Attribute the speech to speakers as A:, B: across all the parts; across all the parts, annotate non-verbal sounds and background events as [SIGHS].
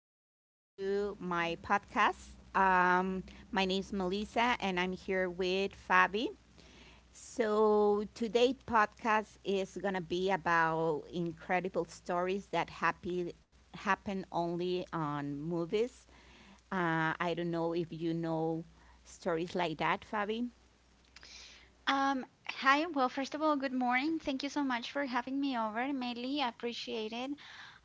A: welcome to my podcast. Um, my name is Melissa, and I'm here with Fabi. So, today's podcast is going to be about incredible stories that happen only on movies. I don't know if you know stories like that, Fabi.
B: Hi. Well, first of all, good morning. Thank you so much for having me over, Melly. I appreciate it.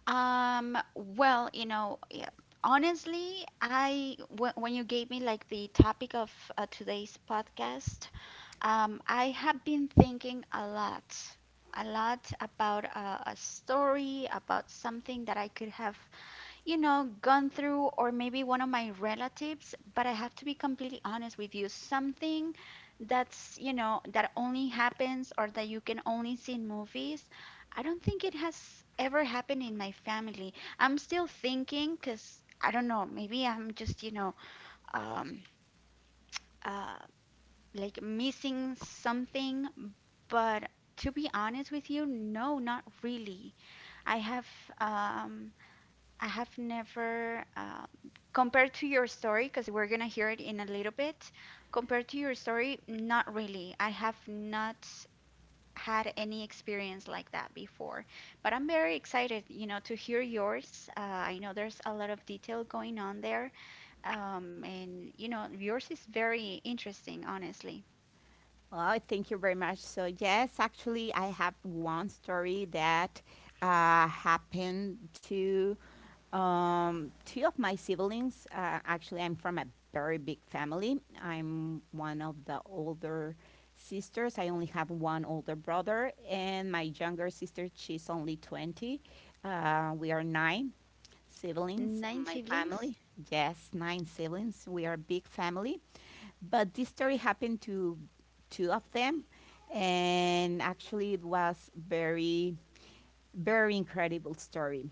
B: Um, well, you know, yeah, Honestly, when you gave me like the topic of today's podcast, I have been thinking a lot about a story, about something that I could have gone through, or maybe one of my relatives, but I have to be completely honest with you. Something that only happens or that you can only see in movies, I don't think it has ever happened in my family. I'm still thinking, because I don't know, maybe I'm just, um, uh, like missing something, but to be honest with you, no, not really. I have, um, I have never, compared to your story, because we're gonna hear it in a little bit, compared to your story, not really. I have not had any experience like that before, but I'm very excited, you know, to hear yours. I know there's a lot of detail going on there, and you know, yours is very interesting, honestly.
A: Oh, thank you very much. So, yes, actually, I have one story that happened to two of my siblings. Actually, I'm from a very big family. I'm one of the older sisters. I only have one older brother, and my younger sister, she's only 20. We are nine siblings in
B: Nine
A: my
B: siblings?
A: family. Yes, nine siblings. We are a big family. But this story happened to two of them, and actually it was very, very incredible story.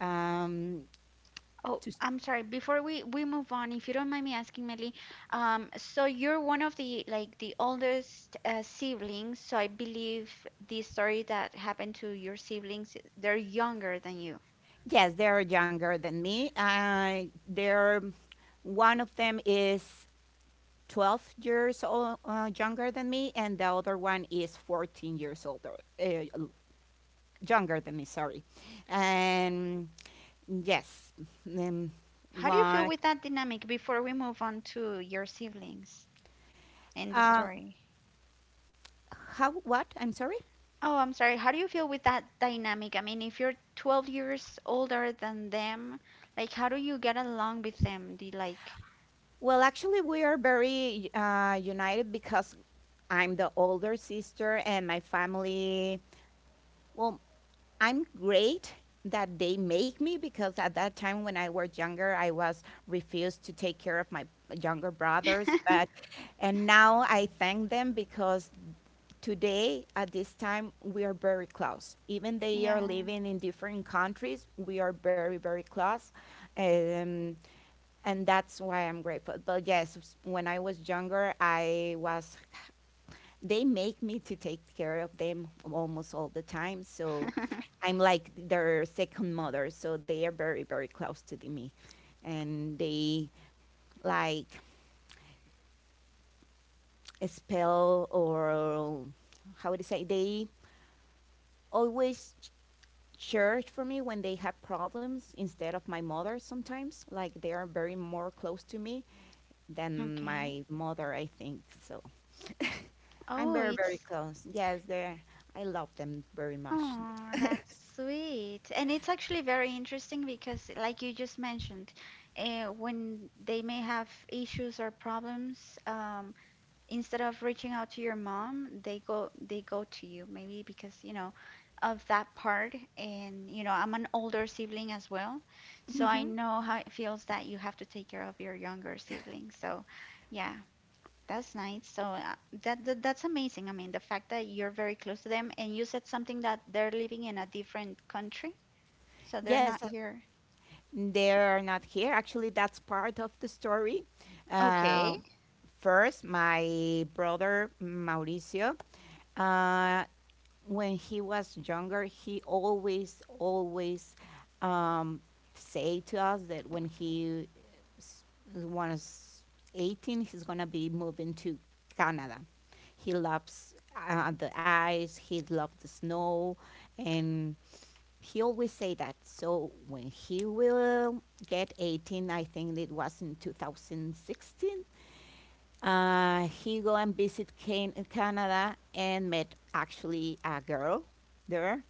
A: Um,
B: Oh,
A: to,
B: I'm sorry. Before we move on, if you don't mind me asking, Melly, so you're one of the like the oldest siblings, so I believe the story that happened to your siblings, they're younger than you.
A: yes, they are younger than me. They're one of them is 12 years old, younger than me, and the other one is 14 years older, younger than me. Sorry, and yes, um,
B: How do you feel
A: one.
B: with that dynamic before we move on to your siblings in the
A: Uh,
B: story?
A: how? What? I'm sorry.
B: Oh, I'm sorry. How do you feel with that dynamic? I mean, if you're 12 years older than them, like how do you get along with them? The like,
A: Well, actually, we are very united because I'm the older sister, and my family. Well, I'm great that they make me because at that time when I was younger, I was refused to take care of my younger brothers. But
B: [LAUGHS]
A: and now I thank them because today at this time we are very close. Even they are
B: yeah.
A: living in different countries, we are very very close. Um, and that's why I'm grateful. But yes, when I was younger, I was they make me to take care of them almost all the time, so
B: [LAUGHS]
A: I'm like their second mother, so they are very very close to me, and they like spell or how would you say they always church for me when they have problems, instead of my mother. Sometimes like they are very more close to me than
B: Okay.
A: my mother, I think so. I'm
B: Oh,
A: very, very
B: it's
A: close. Yes, they're, I love them very much.
B: oh, that's sweet. And it's actually very interesting because, like you just mentioned, when they may have issues or problems, instead of reaching out to your mom, they go to you. Maybe because, you know, of that part. And, you know, I'm an older sibling as well, so I know how it feels that you have to take care of your younger sibling. So, yeah. That's nice. So that's amazing. I mean, the fact that you're very close to them and you said something that they're living in a different country, so they're not
A: Yes,
B: here.
A: they're not here. Actually, that's part of the story. Uh,
B: Okay.
A: First, my brother Mauricio. Uh, when he was younger, he always, always um, say to us that when s- was 18, he's gonna be moving to Canada. He loves the ice. He loves the snow, and he always say that. So when he will get 18, I think it was in 2016. He go and visit Canada and met actually a girl there.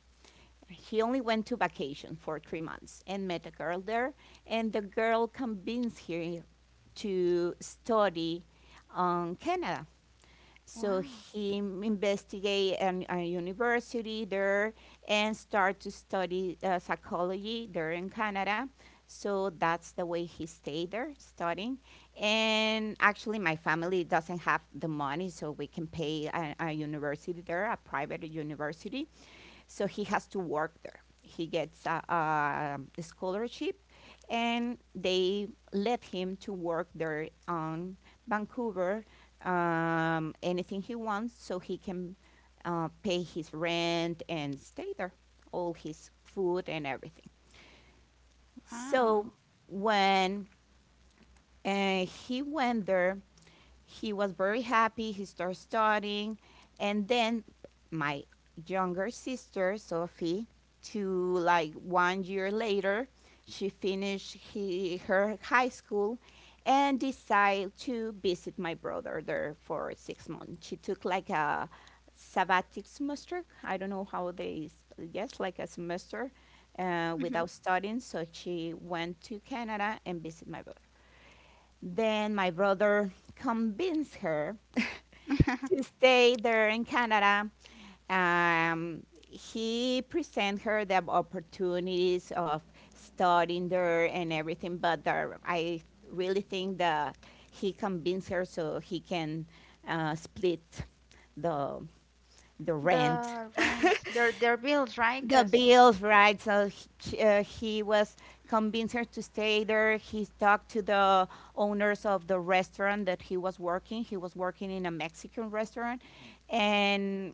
A: He only went to vacation for 3 months and met a girl there, and the girl convinced him to study on Canada. So
B: Wow.
A: investigate a university there and start to study psychology there in Canada. So that's the way he stayed there studying. And actually, my family doesn't have the money, so we can pay a university there, a private university. So he has to work there. He gets a scholarship, and they let him to work there on Vancouver anything he wants so he can pay his rent and stay there, all his food and everything.
B: Wow.
A: So when he went there, he was very happy. He started studying, and then my younger sister Sophie, to like one year later, she finished her high school and decided to visit my brother there for 6 months. She took like a sabbatic semester. I don't know how they yes, like a semester
B: Mhm.
A: without studying. So she went to Canada and visit my brother. Then my brother convinced her to
B: [LAUGHS]
A: stay there in Canada. Um, he presented her the opportunities of studying there and everything, but there, I really think that he convinced her so he can split the the rent.
B: The rent, their bills, right?
A: The
B: 'Cause
A: bills, right? So he was convinced her to stay there. He talked to the owners of the restaurant that he was working. He was working in a Mexican restaurant, and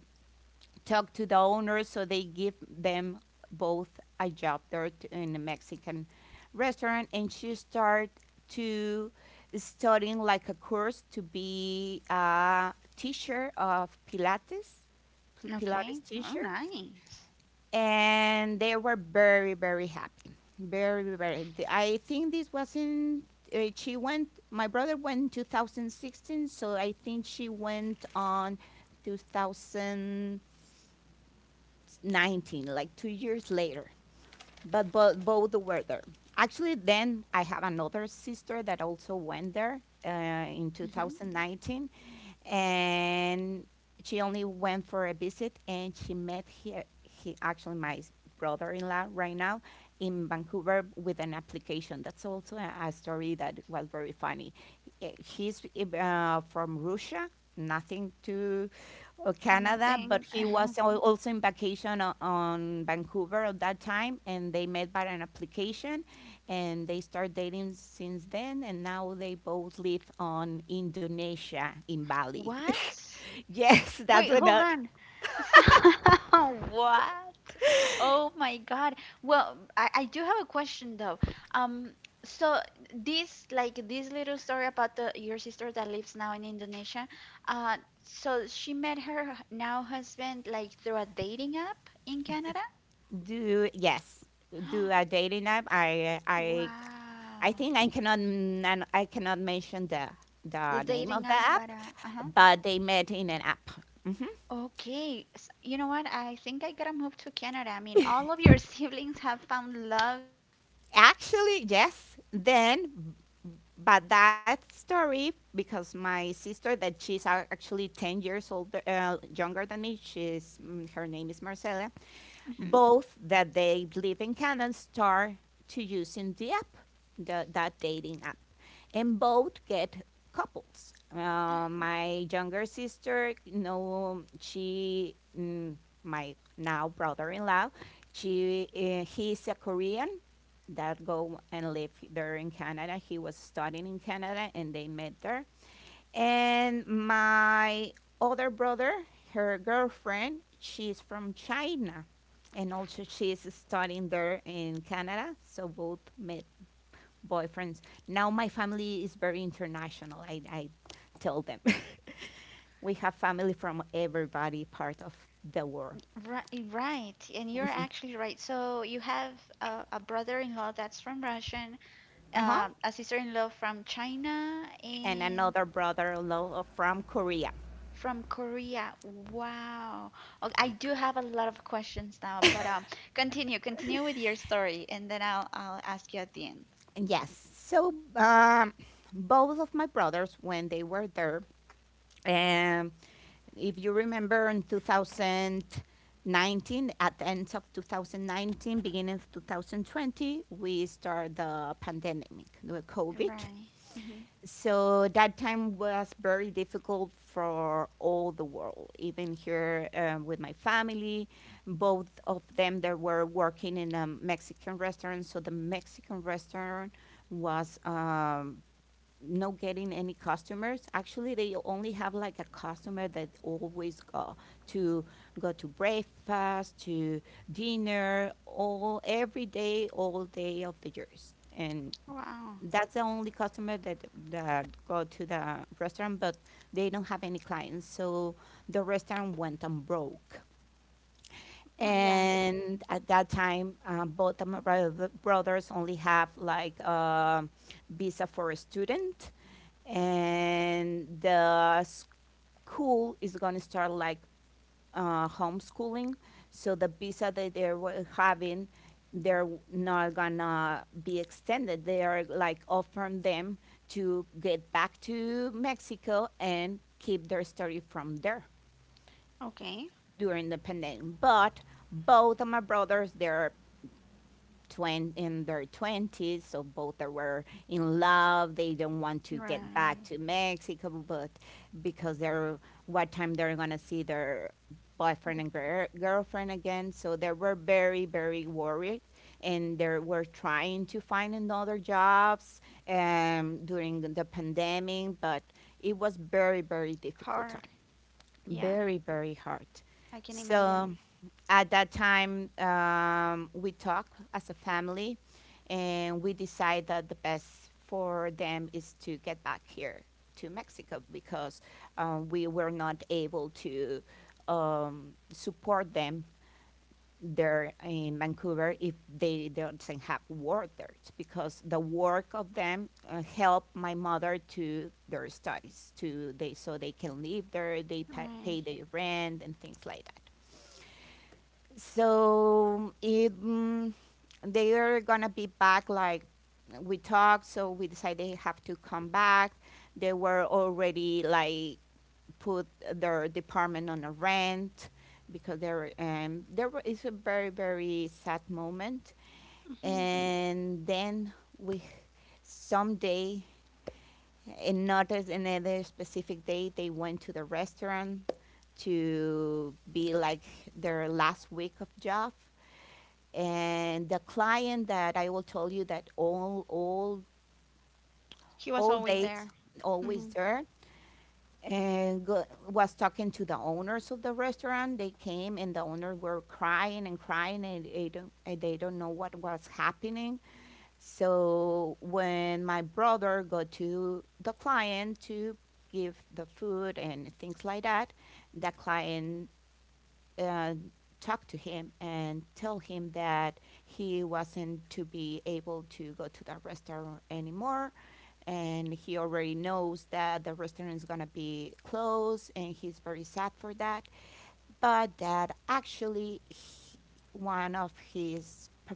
A: talked to the owners so they give them both a job there in a Mexican restaurant. And she started to studying like a course to be a teacher of Pilates,
B: okay.
A: Pilates
B: Oh,
A: teacher,
B: nice.
A: and they were very very happy, very very I think this was not she went my brother went in 2016, so I think she went on 2019, like 2 years later, but both were there. Actually, then I have another sister that also went there in
B: Hmm.
A: 2019, and she only went for a visit and she met he actually my brother-in-law right now in Vancouver with an application. That's also a story that was very funny. He's from Russia, nothing to Canada, but
B: Nothing.
A: he
B: [SIGHS] [LAUGHS]
A: was also in vacation on Vancouver at that time, and they met by an application and they start dating since then, and now they both live on Indonesia, in Bali.
B: What?
A: [LAUGHS] Yes, that's
B: Wait,
A: what
B: hold
A: I
B: on. [LAUGHS] So [LAUGHS] what? Oh my God. Well, I do have a question though. Um, so this like this little story about the your sister that lives now in Indonesia. Uh, so she met her now husband like through a dating app in Canada.
A: do. Yes, do a
B: [GASPS]
A: dating app. I
B: Wow.
A: think I cannot I cannot mention
B: The
A: the name of
B: dating
A: the
B: app,
A: app,
B: but uh-huh.
A: but they met in an app. Mhm.
B: Okay. S you know what? I think I gotta move to Canada. I mean, all of your [LAUGHS] siblings have found love in Canada.
A: Actually, yes.
B: [LAUGHS]
A: Then, but that story, because my sister that she's actually 10 years older younger than me, she's her name is Marcela,
B: Mhm.
A: both that they live in Canada start to using the app, that dating app, and both get couples. My younger sister, you know, my now brother-in-law, he's a Korean that go and live there in Canada. He was studying in Canada, and they met there. And my other brother, her girlfriend, she's from China. And also she is studying there in Canada. So both met
B: Uh-huh.
A: boyfriends. Now my family is very international. I
B: It
A: tell them.
B: is.
A: [LAUGHS] We have family from everybody part of the world.
B: Right, right, and you're actually right. So you have a brother-in-law that's from Russian,
A: Uh-huh.
B: a sister-in-law from China,
A: And
B: and
A: another brother-in-law from Korea.
B: from Korea. Wow. Okay, I do have a lot of questions now, but continue with your story, and then I'll ask you at the end.
A: Yes. So both of my brothers, when they were there, Um, if you remember in 2019, at the end of 2019, beginning of 2020, we started the pandemic, the COVID.
B: Right. Hmm.
A: So that time was very difficult for all the world, even here with my family. Both of them, they were working in a Mexican restaurant, so the Mexican restaurant was no getting any customers. Actually, they only have like a customer that always go to go to breakfast, to dinner, all every day, all day of the years. And
B: Wow.
A: that's the only customer that that go to the restaurant, but they don't have any clients. So the restaurant went and broke.
B: Oh yeah.
A: And at that time, both of my brothers only have like a visa for a student, and the school is going to start like homeschooling. So the visa that they're having, they're not gonna be extended. They are like offering them to get back to Mexico and keep their study from there
B: Okay.
A: during the pandemic. But both of my brothers, they're in their 20s, so both they were in love. They don't want to get back
B: Right.
A: to Mexico, but because they're what time they're gonna see their boyfriend and girlfriend again. So they were very, very worried. And they were trying to find another jobs during the pandemic, but it was very, very difficult time,
B: Hard. Yeah,
A: very very hard.
B: I can
A: So
B: imagine.
A: at that time, we talk as a family and we decide that the best for them is to get back here to Mexico because we were not able to support them there in Vancouver if they do not have water, because the work of them helped my mother to their studies to they so they can live there, they pay
B: Right.
A: their rent and things like that. So it, they are gonna be back like we talked, so we decided they have to come back. They were already like put their department on a rent because there there is a very very sad moment.
B: Hmm.
A: And then we someday and not as another specific day they went to the restaurant to be like their last week of job. And the client that I will tell you that all
B: He was
A: all
B: always
A: dates
B: there.
A: always
B: Hmm.
A: there and go, was talking to the owners of the restaurant. They came and the owners were crying and crying and they don't know what was happening. So when my brother got to the client to give the food and things like that, the client uh, talk to him and tell him that he wasn't to be able to go to the restaurant anymore, and he already knows that the restaurant is going to be closed and he's very sad for that. But that actually one of his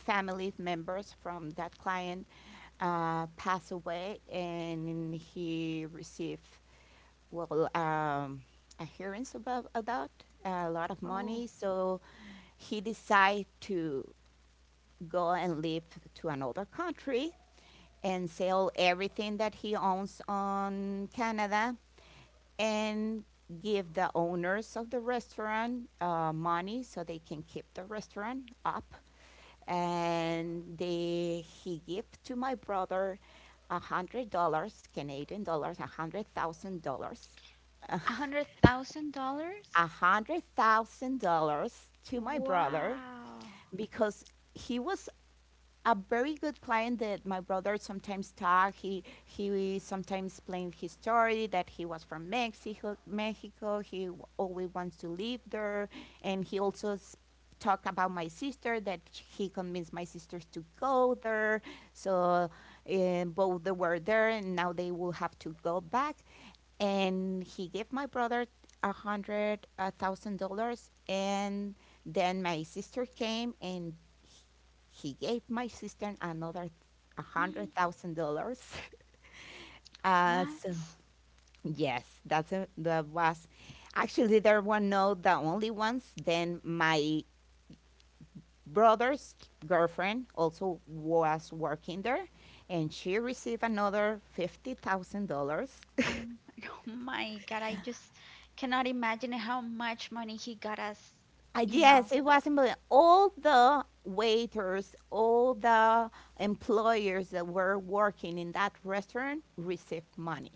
A: family members from that client passed away and he received well, adherence about a lot of
B: Oh.
A: money. So he decided to go and live to another country and sell everything that he owns on Canada and give the owners of the restaurant money so they can keep the restaurant up. And he gave to my brother $100, Canadian dollars, a hundred thousand dollars
B: A hundred thousand
A: a
B: dollars?
A: hundred thousand dollars to my brother
B: Wow.
A: because he was a very good client that my brother sometimes talked. He sometimes explained his story that he was from Mexico. He always wants to live there, and he talked about my sister, that he convinced my sisters to go there. So both they were there, and now they will have to go back, and he gave my brother a hundred $1,000. And then my sister came and h- he gave my sister another a hundred
B: Mm.
A: thousand dollars [LAUGHS] So
B: What?
A: yes, that was actually — there were no the only ones. Then my brother's girlfriend also was working there, and she received another $50,000.
B: Um, [LAUGHS] oh my God, I just cannot imagine how much money he got us, you know.
A: Yes, it was important. All the waiters, all the employers that were working in that restaurant received money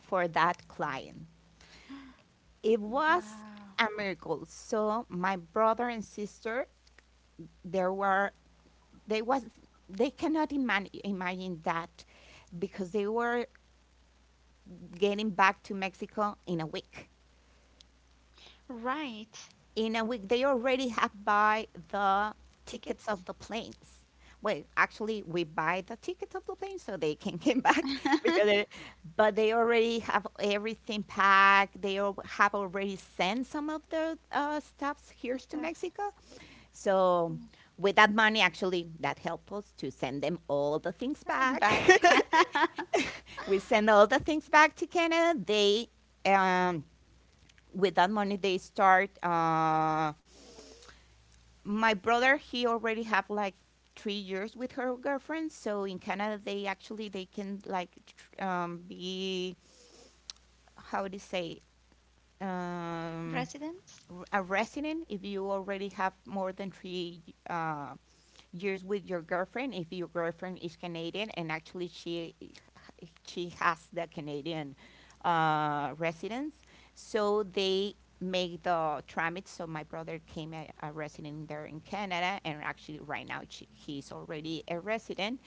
A: for that client. It was
B: Wow.
A: a miracle. So my brother and sister, there were they was they cannot imagine that, because they were getting back to Mexico in a week.
B: Right.
A: In a week they already have buy the tickets of
B: Tickets?
A: the planes. Well, actually we buy the tickets of the plane so they can come back, [LAUGHS] because
B: [LAUGHS]
A: they — but they already have everything packed. They have already sent some of their stuffs here to
B: Stuff.
A: Mexico. So
B: Mm,
A: with that money, actually, that helped us to send them all the things
B: I'm
A: back.
B: back. [LAUGHS]
A: [LAUGHS] We send all the things back to Canada. They um, with that money they start my brother he already have like 3 years with her girlfriend, so in Canada they actually they can like be, how do you say, um,
B: Residence?
A: a resident if you already have more than 3 uh, years with your girlfriend, if your girlfriend is Canadian. And actually she has the Canadian residence. So they made the tramit. So my brother came a resident there in Canada, and actually right now she, he's already a resident.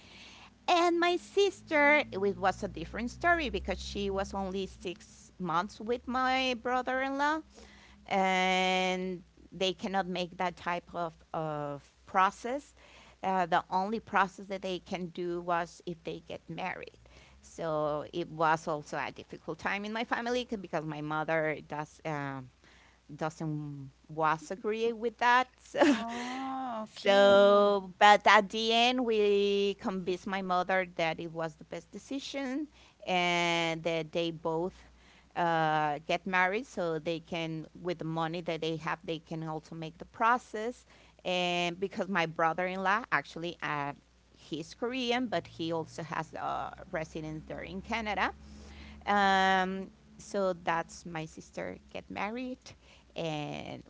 A: And my sister, it was a different story because she was only 6 months with my brother-in-law, and they cannot make that type of process. The only process that they can do was if they get married. So it was also a difficult time in my family because my mother doesn't was agree with that. [LAUGHS] So
B: Oh, okay.
A: so, but at the end, we convinced my mother that it was the best decision, and that they both get married so they can, with the money that they have, they can also make the process. And because my brother in law actually, he's Korean, but he also has residence there in Canada. Um, so that's my sister get married, and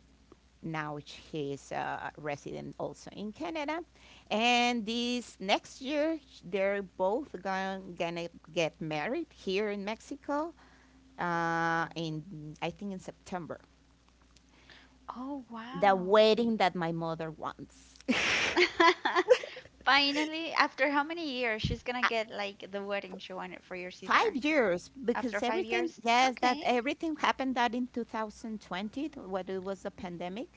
A: now she is a resident also in Canada. And this next year, they're both going gonna get married here in Mexico. In, I think in September,
B: Oh,
A: the
B: wow.
A: wedding that my mother wants. [LAUGHS]
B: [LAUGHS] Finally, after how many years, she's gonna get like the wedding she wanted for your
A: Five
B: sister.
A: years because
B: After five
A: everything,
B: years?
A: yes, that
B: Okay,
A: everything happened that in 2020, when it was a pandemic.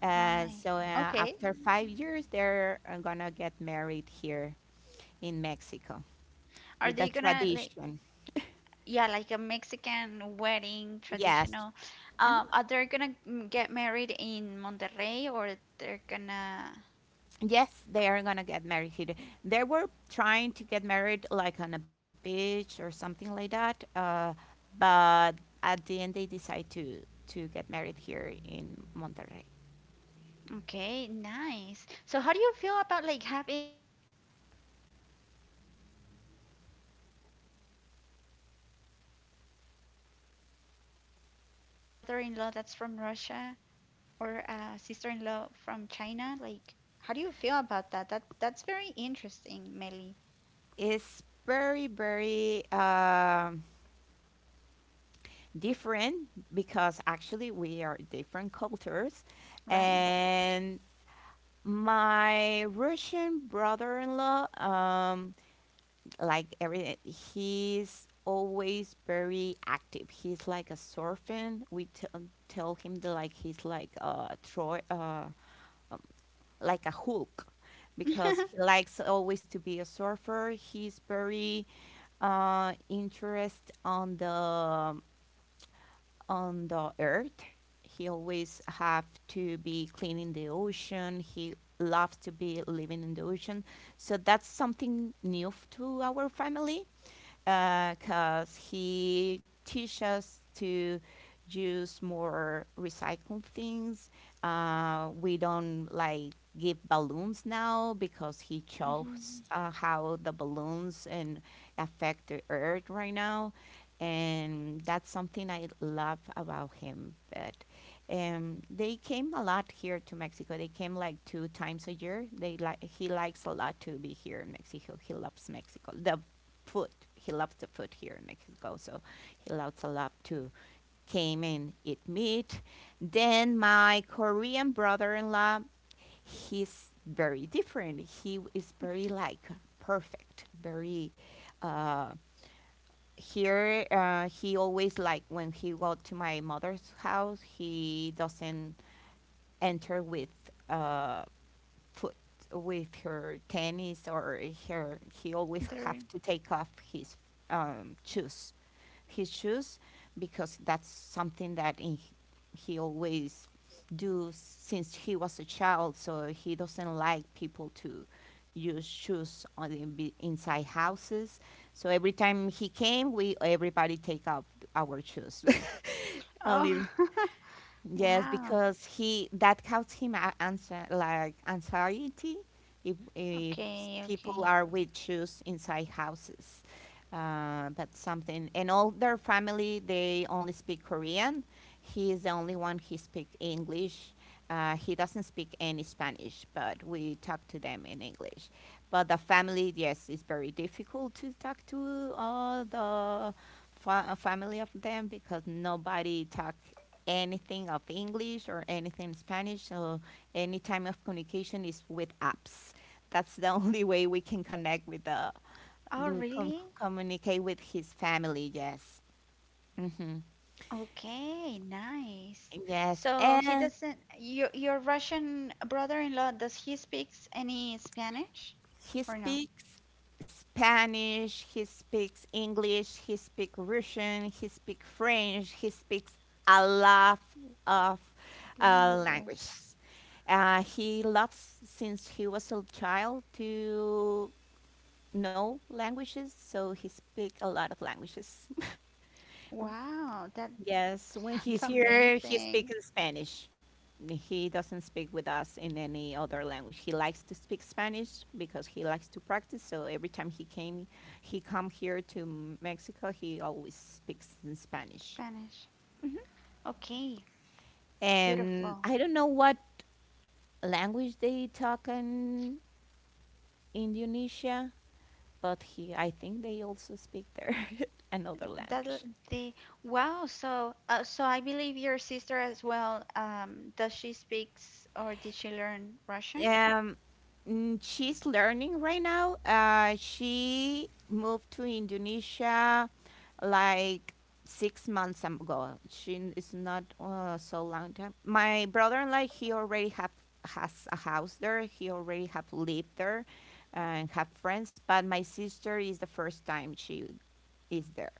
A: Uh,
B: right.
A: so uh,
B: Okay.
A: after 5 years, they're gonna get married here in Mexico.
B: Are
A: With the
B: they gonna like
A: tradition.
B: yeah, like a Mexican wedding
A: Yes.
B: traditional? Are they gonna mm, get married in Monterrey or they're gonna
A: Yes, they are gonna get married here. They were trying to get married like on a beach or something like that, but at the end they decide to get married here in Monterrey.
B: okay, nice. So how do you feel about like having like a brother-in-law that's from Korea? Has your sister ever been to Korea before? Or you having a brother-in-law that's from Russia? Or a sister-in-law from China. Like, how do you feel about that? That that's very interesting, Melly.
A: It's very very different, because actually we are different cultures,
B: Right.
A: and my Russian brother-in-law, um, like everything. He's always very active. He's like a surfing. We tell him that like he's like a Troy, like a Hulk, because he
B: [LAUGHS]
A: likes always to be a surfer. He's very interest on the, on the earth. He always have to be cleaning the ocean. He loves to be living in the ocean. So that's something new to our family, because he teaches us to use more recycled things. We don't like give balloons now, because he chose
B: Hmm.
A: how the balloons and affect the earth right now, and that's something I love about him. But they came a lot here to Mexico. They came like 2 times a year. They like, he likes a lot to be here in Mexico. He loves Mexico. The food. He loves the food here in Mexico, so he loves a lot to came and eat meat. Then my Korean brother-in-law, he's very different. He is very like perfect, very. Uh, here he always like, when he go to my mother's house, he doesn't enter with. Uh, foot with her tennis or her, he always
B: There.
A: have to take off his shoes, his shoes, because that's something that in, he always do since he was a child, so he doesn't like people to use shoes on the inside houses. So every time he came we everybody take off our shoes. [LAUGHS]
B: Oh,
A: Only
B: [LAUGHS]
A: yes,
B: wow.
A: because he, that caused him answer, like anxiety, if
B: Okay,
A: people
B: okay.
A: are with shoes inside houses. But something — and all their family they only speak Korean. He is the only one, he speak English. He doesn't speak any Spanish, but we talk to them in English. But the family, yes, it's very difficult to talk to all the family of them, because nobody talk anything of English or anything in Spanish. So any time of communication is with apps. That's the [LAUGHS] only way we can connect with the,
B: Oh,
A: to
B: really?
A: communicate with his family. Yes. Hmm.
B: Okay, nice.
A: Yes,
B: So he
A: and
B: doesn't, your Russian brother-in-law, does he speaks any Spanish
A: he
B: or no?
A: speaks Spanish, he speaks English, he speaks Russian, he speaks French, he speaks a lot of
B: Languages.
A: languages. He loves since he was a child to know languages, so he speak a lot of languages. [LAUGHS]
B: Wow, that
A: Yes,
B: [LAUGHS]
A: when
B: that's
A: he's here, he speaks
B: amazing.
A: Spanish. He doesn't speak with us in any other language. He likes to speak Spanish because he likes to practice. So every time he came, he come here to Mexico, he always speaks in Spanish.
B: Spanish. Okay,
A: And
B: beautiful.
A: I don't know what language they talk in Indonesia, but he, I think they also speak their [LAUGHS] another
B: That l-
A: language.
B: the wow. So, so I believe your sister as well. Does she speaks or did she learn Russian?
A: um she's learning right now. She moved to Indonesia like 6 months ago. She is not so long time. My brother in law he already have, has a house there. He already have lived there and have friends. But my sister is the first time she is there.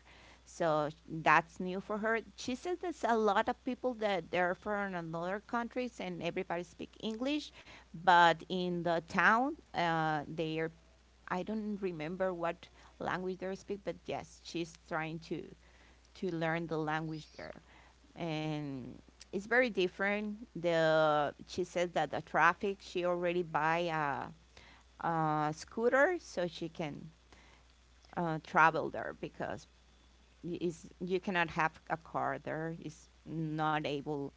A: So that's new for her. She says there's a lot of people that they're from another countries and everybody speak English, but in the town, they are, I don't remember what language they speak, but yes, she's trying to learn the language there, and it's very different. The, she says that the traffic, she already buy a scooter so she can travel there, because is you cannot have a car there. It's not able.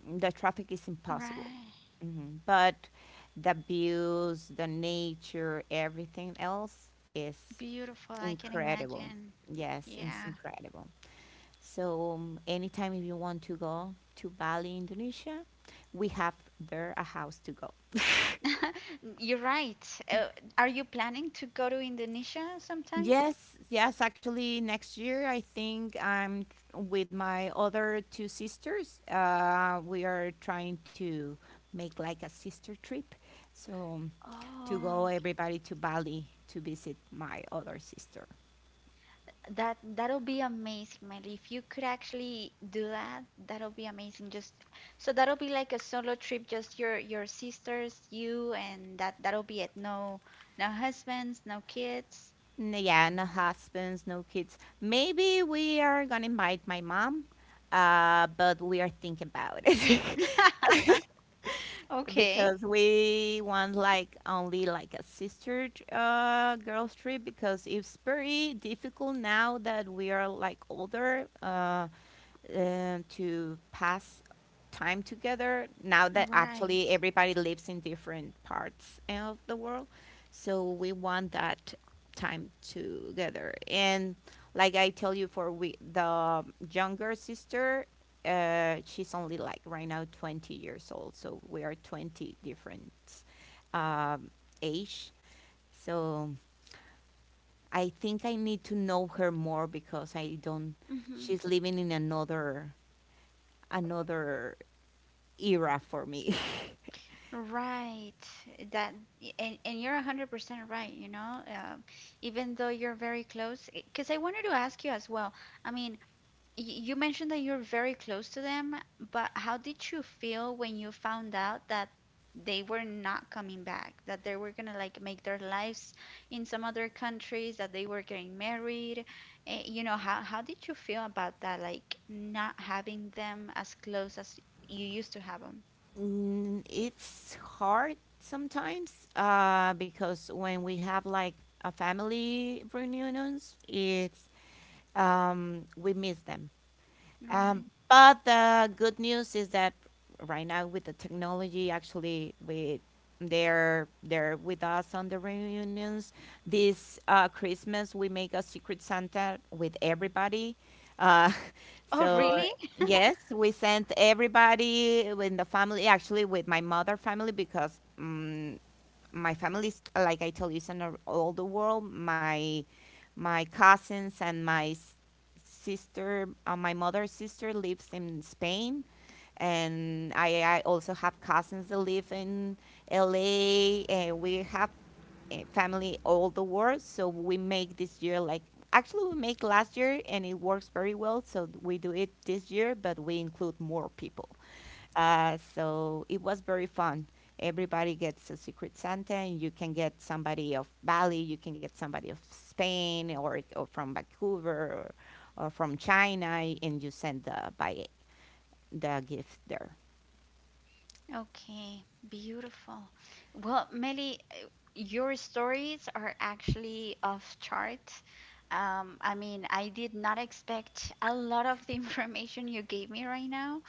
A: The traffic is impossible.
B: Right.
A: Mhm. But the views, the nature, everything else is
B: Beautiful. I can
A: incredible.
B: imagine.
A: Yes, it's
B: Yeah.
A: incredible. So anytime if you want to go to Bali, Indonesia, we have there a house to go.
B: [LAUGHS] You're right. Are you planning to go to Indonesia sometime?
A: Yes, yes, actually, next year I think with my other two sisters. We are trying to make like a sister trip. So, to go
B: Oh.
A: everybody to Bali to visit my other sister.
B: That that'll be amazing, Melly. If you could actually do that, that'll be amazing. Just so that'll be like a solo trip, just your sisters, you, and that that'll be it. No, no husbands, no kids.
A: Yeah, no husbands, no kids. Maybe we are gonna invite my mom, but we are thinking about it. [LAUGHS]
B: [LAUGHS] Okay.
A: Because we want like only like a girls trip, because it's very difficult now that we are like older to pass time together, now that actually
B: Right.
A: everybody lives in different parts of the world, so we want that time together. And like I tell you, for we the younger sister, she's only like right now 20 years old, so we are 20 different um, age. So I think I need to know her more, because I don't.
B: Hmm.
A: She's living in another, another era for me. [LAUGHS]
B: Right. That and you're 100% right, you know. Even though you're very close, because I wanted to ask you as well. I mean, Y- you mentioned that you're very close to them, but how did you feel when you found out that they were not coming back, that they were gonna like make their lives in some other countries, that they were getting married? Eh, you know, how did you feel about that, like not having them as close as you used to have them?
A: Mm, it's hard sometimes because when we have like a family reunions, it's we miss them.
B: Right.
A: But the good news is that right now with the technology, actually, we, they're with us on the reunions. This Christmas, we make a secret Santa with everybody. Uh, [LAUGHS]
B: Oh,
A: so
B: really?
A: yes, we sent everybody in the family, actually with my mother family, because my family's, like I tell you, is in all the world. My cousins and my sister, my mother's sister, lives in Spain, and I also have cousins that live in LA. And we have family all the world, so we make this year like, actually we make last year, and it works very well. So we do it this year, but we include more people. So it was very fun. Everybody gets a Secret Santa, and you can get somebody of Bali, you can get somebody of Spain, or from Vancouver, or from China, and you send the by the gift there.
B: Okay, beautiful. Well, Melly, your stories are actually off chart. I mean, I did not expect a lot of the [LAUGHS] information you gave me right now.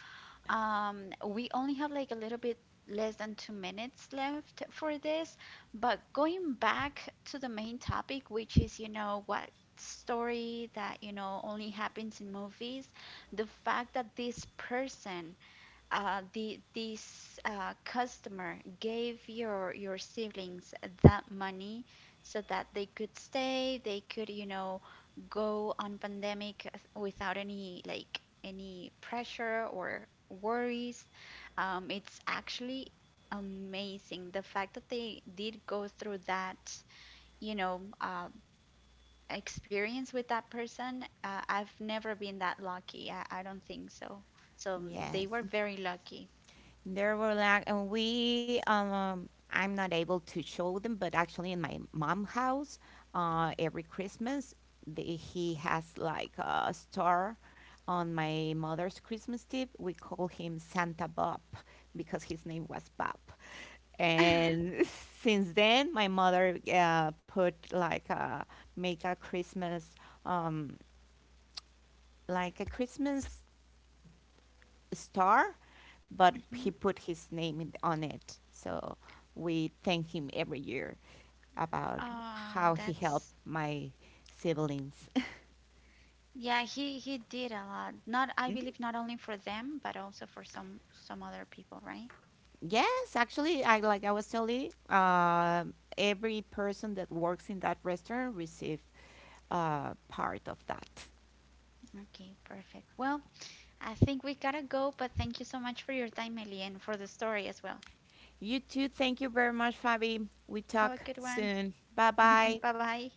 B: We only have like a little bit less than 2 minutes left for this, but going back to the main topic, which is, you know, what story that, you know, only happens in movies, the fact that this person the this customer gave your siblings that money so that they could stay, they could, you know, go on pandemic without any like any pressure or worries. It's actually amazing the fact that they did go through that, you know, experience with that person. I've never been that lucky. I don't think so. So they
A: Yes.
B: were very lucky.
A: There were like, and we, I'm not able to show them, but actually in my mom's house, every Christmas, the, he has like a star on my mother's Christmas tip. We call him Santa Bob because his name was Bob.
B: [LAUGHS]
A: And [LAUGHS] since then, my mother put like a, make a Christmas, um, like a Christmas star, but he
B: Mhm.
A: put his name in, on it. So we thank him every year about how he helped
B: That's
A: my siblings.
B: yeah, he did a lot. Not I believe not only for them, but also for some other people, right?
A: [LAUGHS] Yes, actually, I like I was telling, every person that works in that restaurant receive part of that.
B: Okay, perfect. Well, I think we gotta go, but thank you so much for your time, Ellie, and for the story as well.
A: You too. Thank you very much, Fabi. We
B: Have a
A: talk
B: good one.
A: soon. Bye bye.
B: [LAUGHS] Bye bye.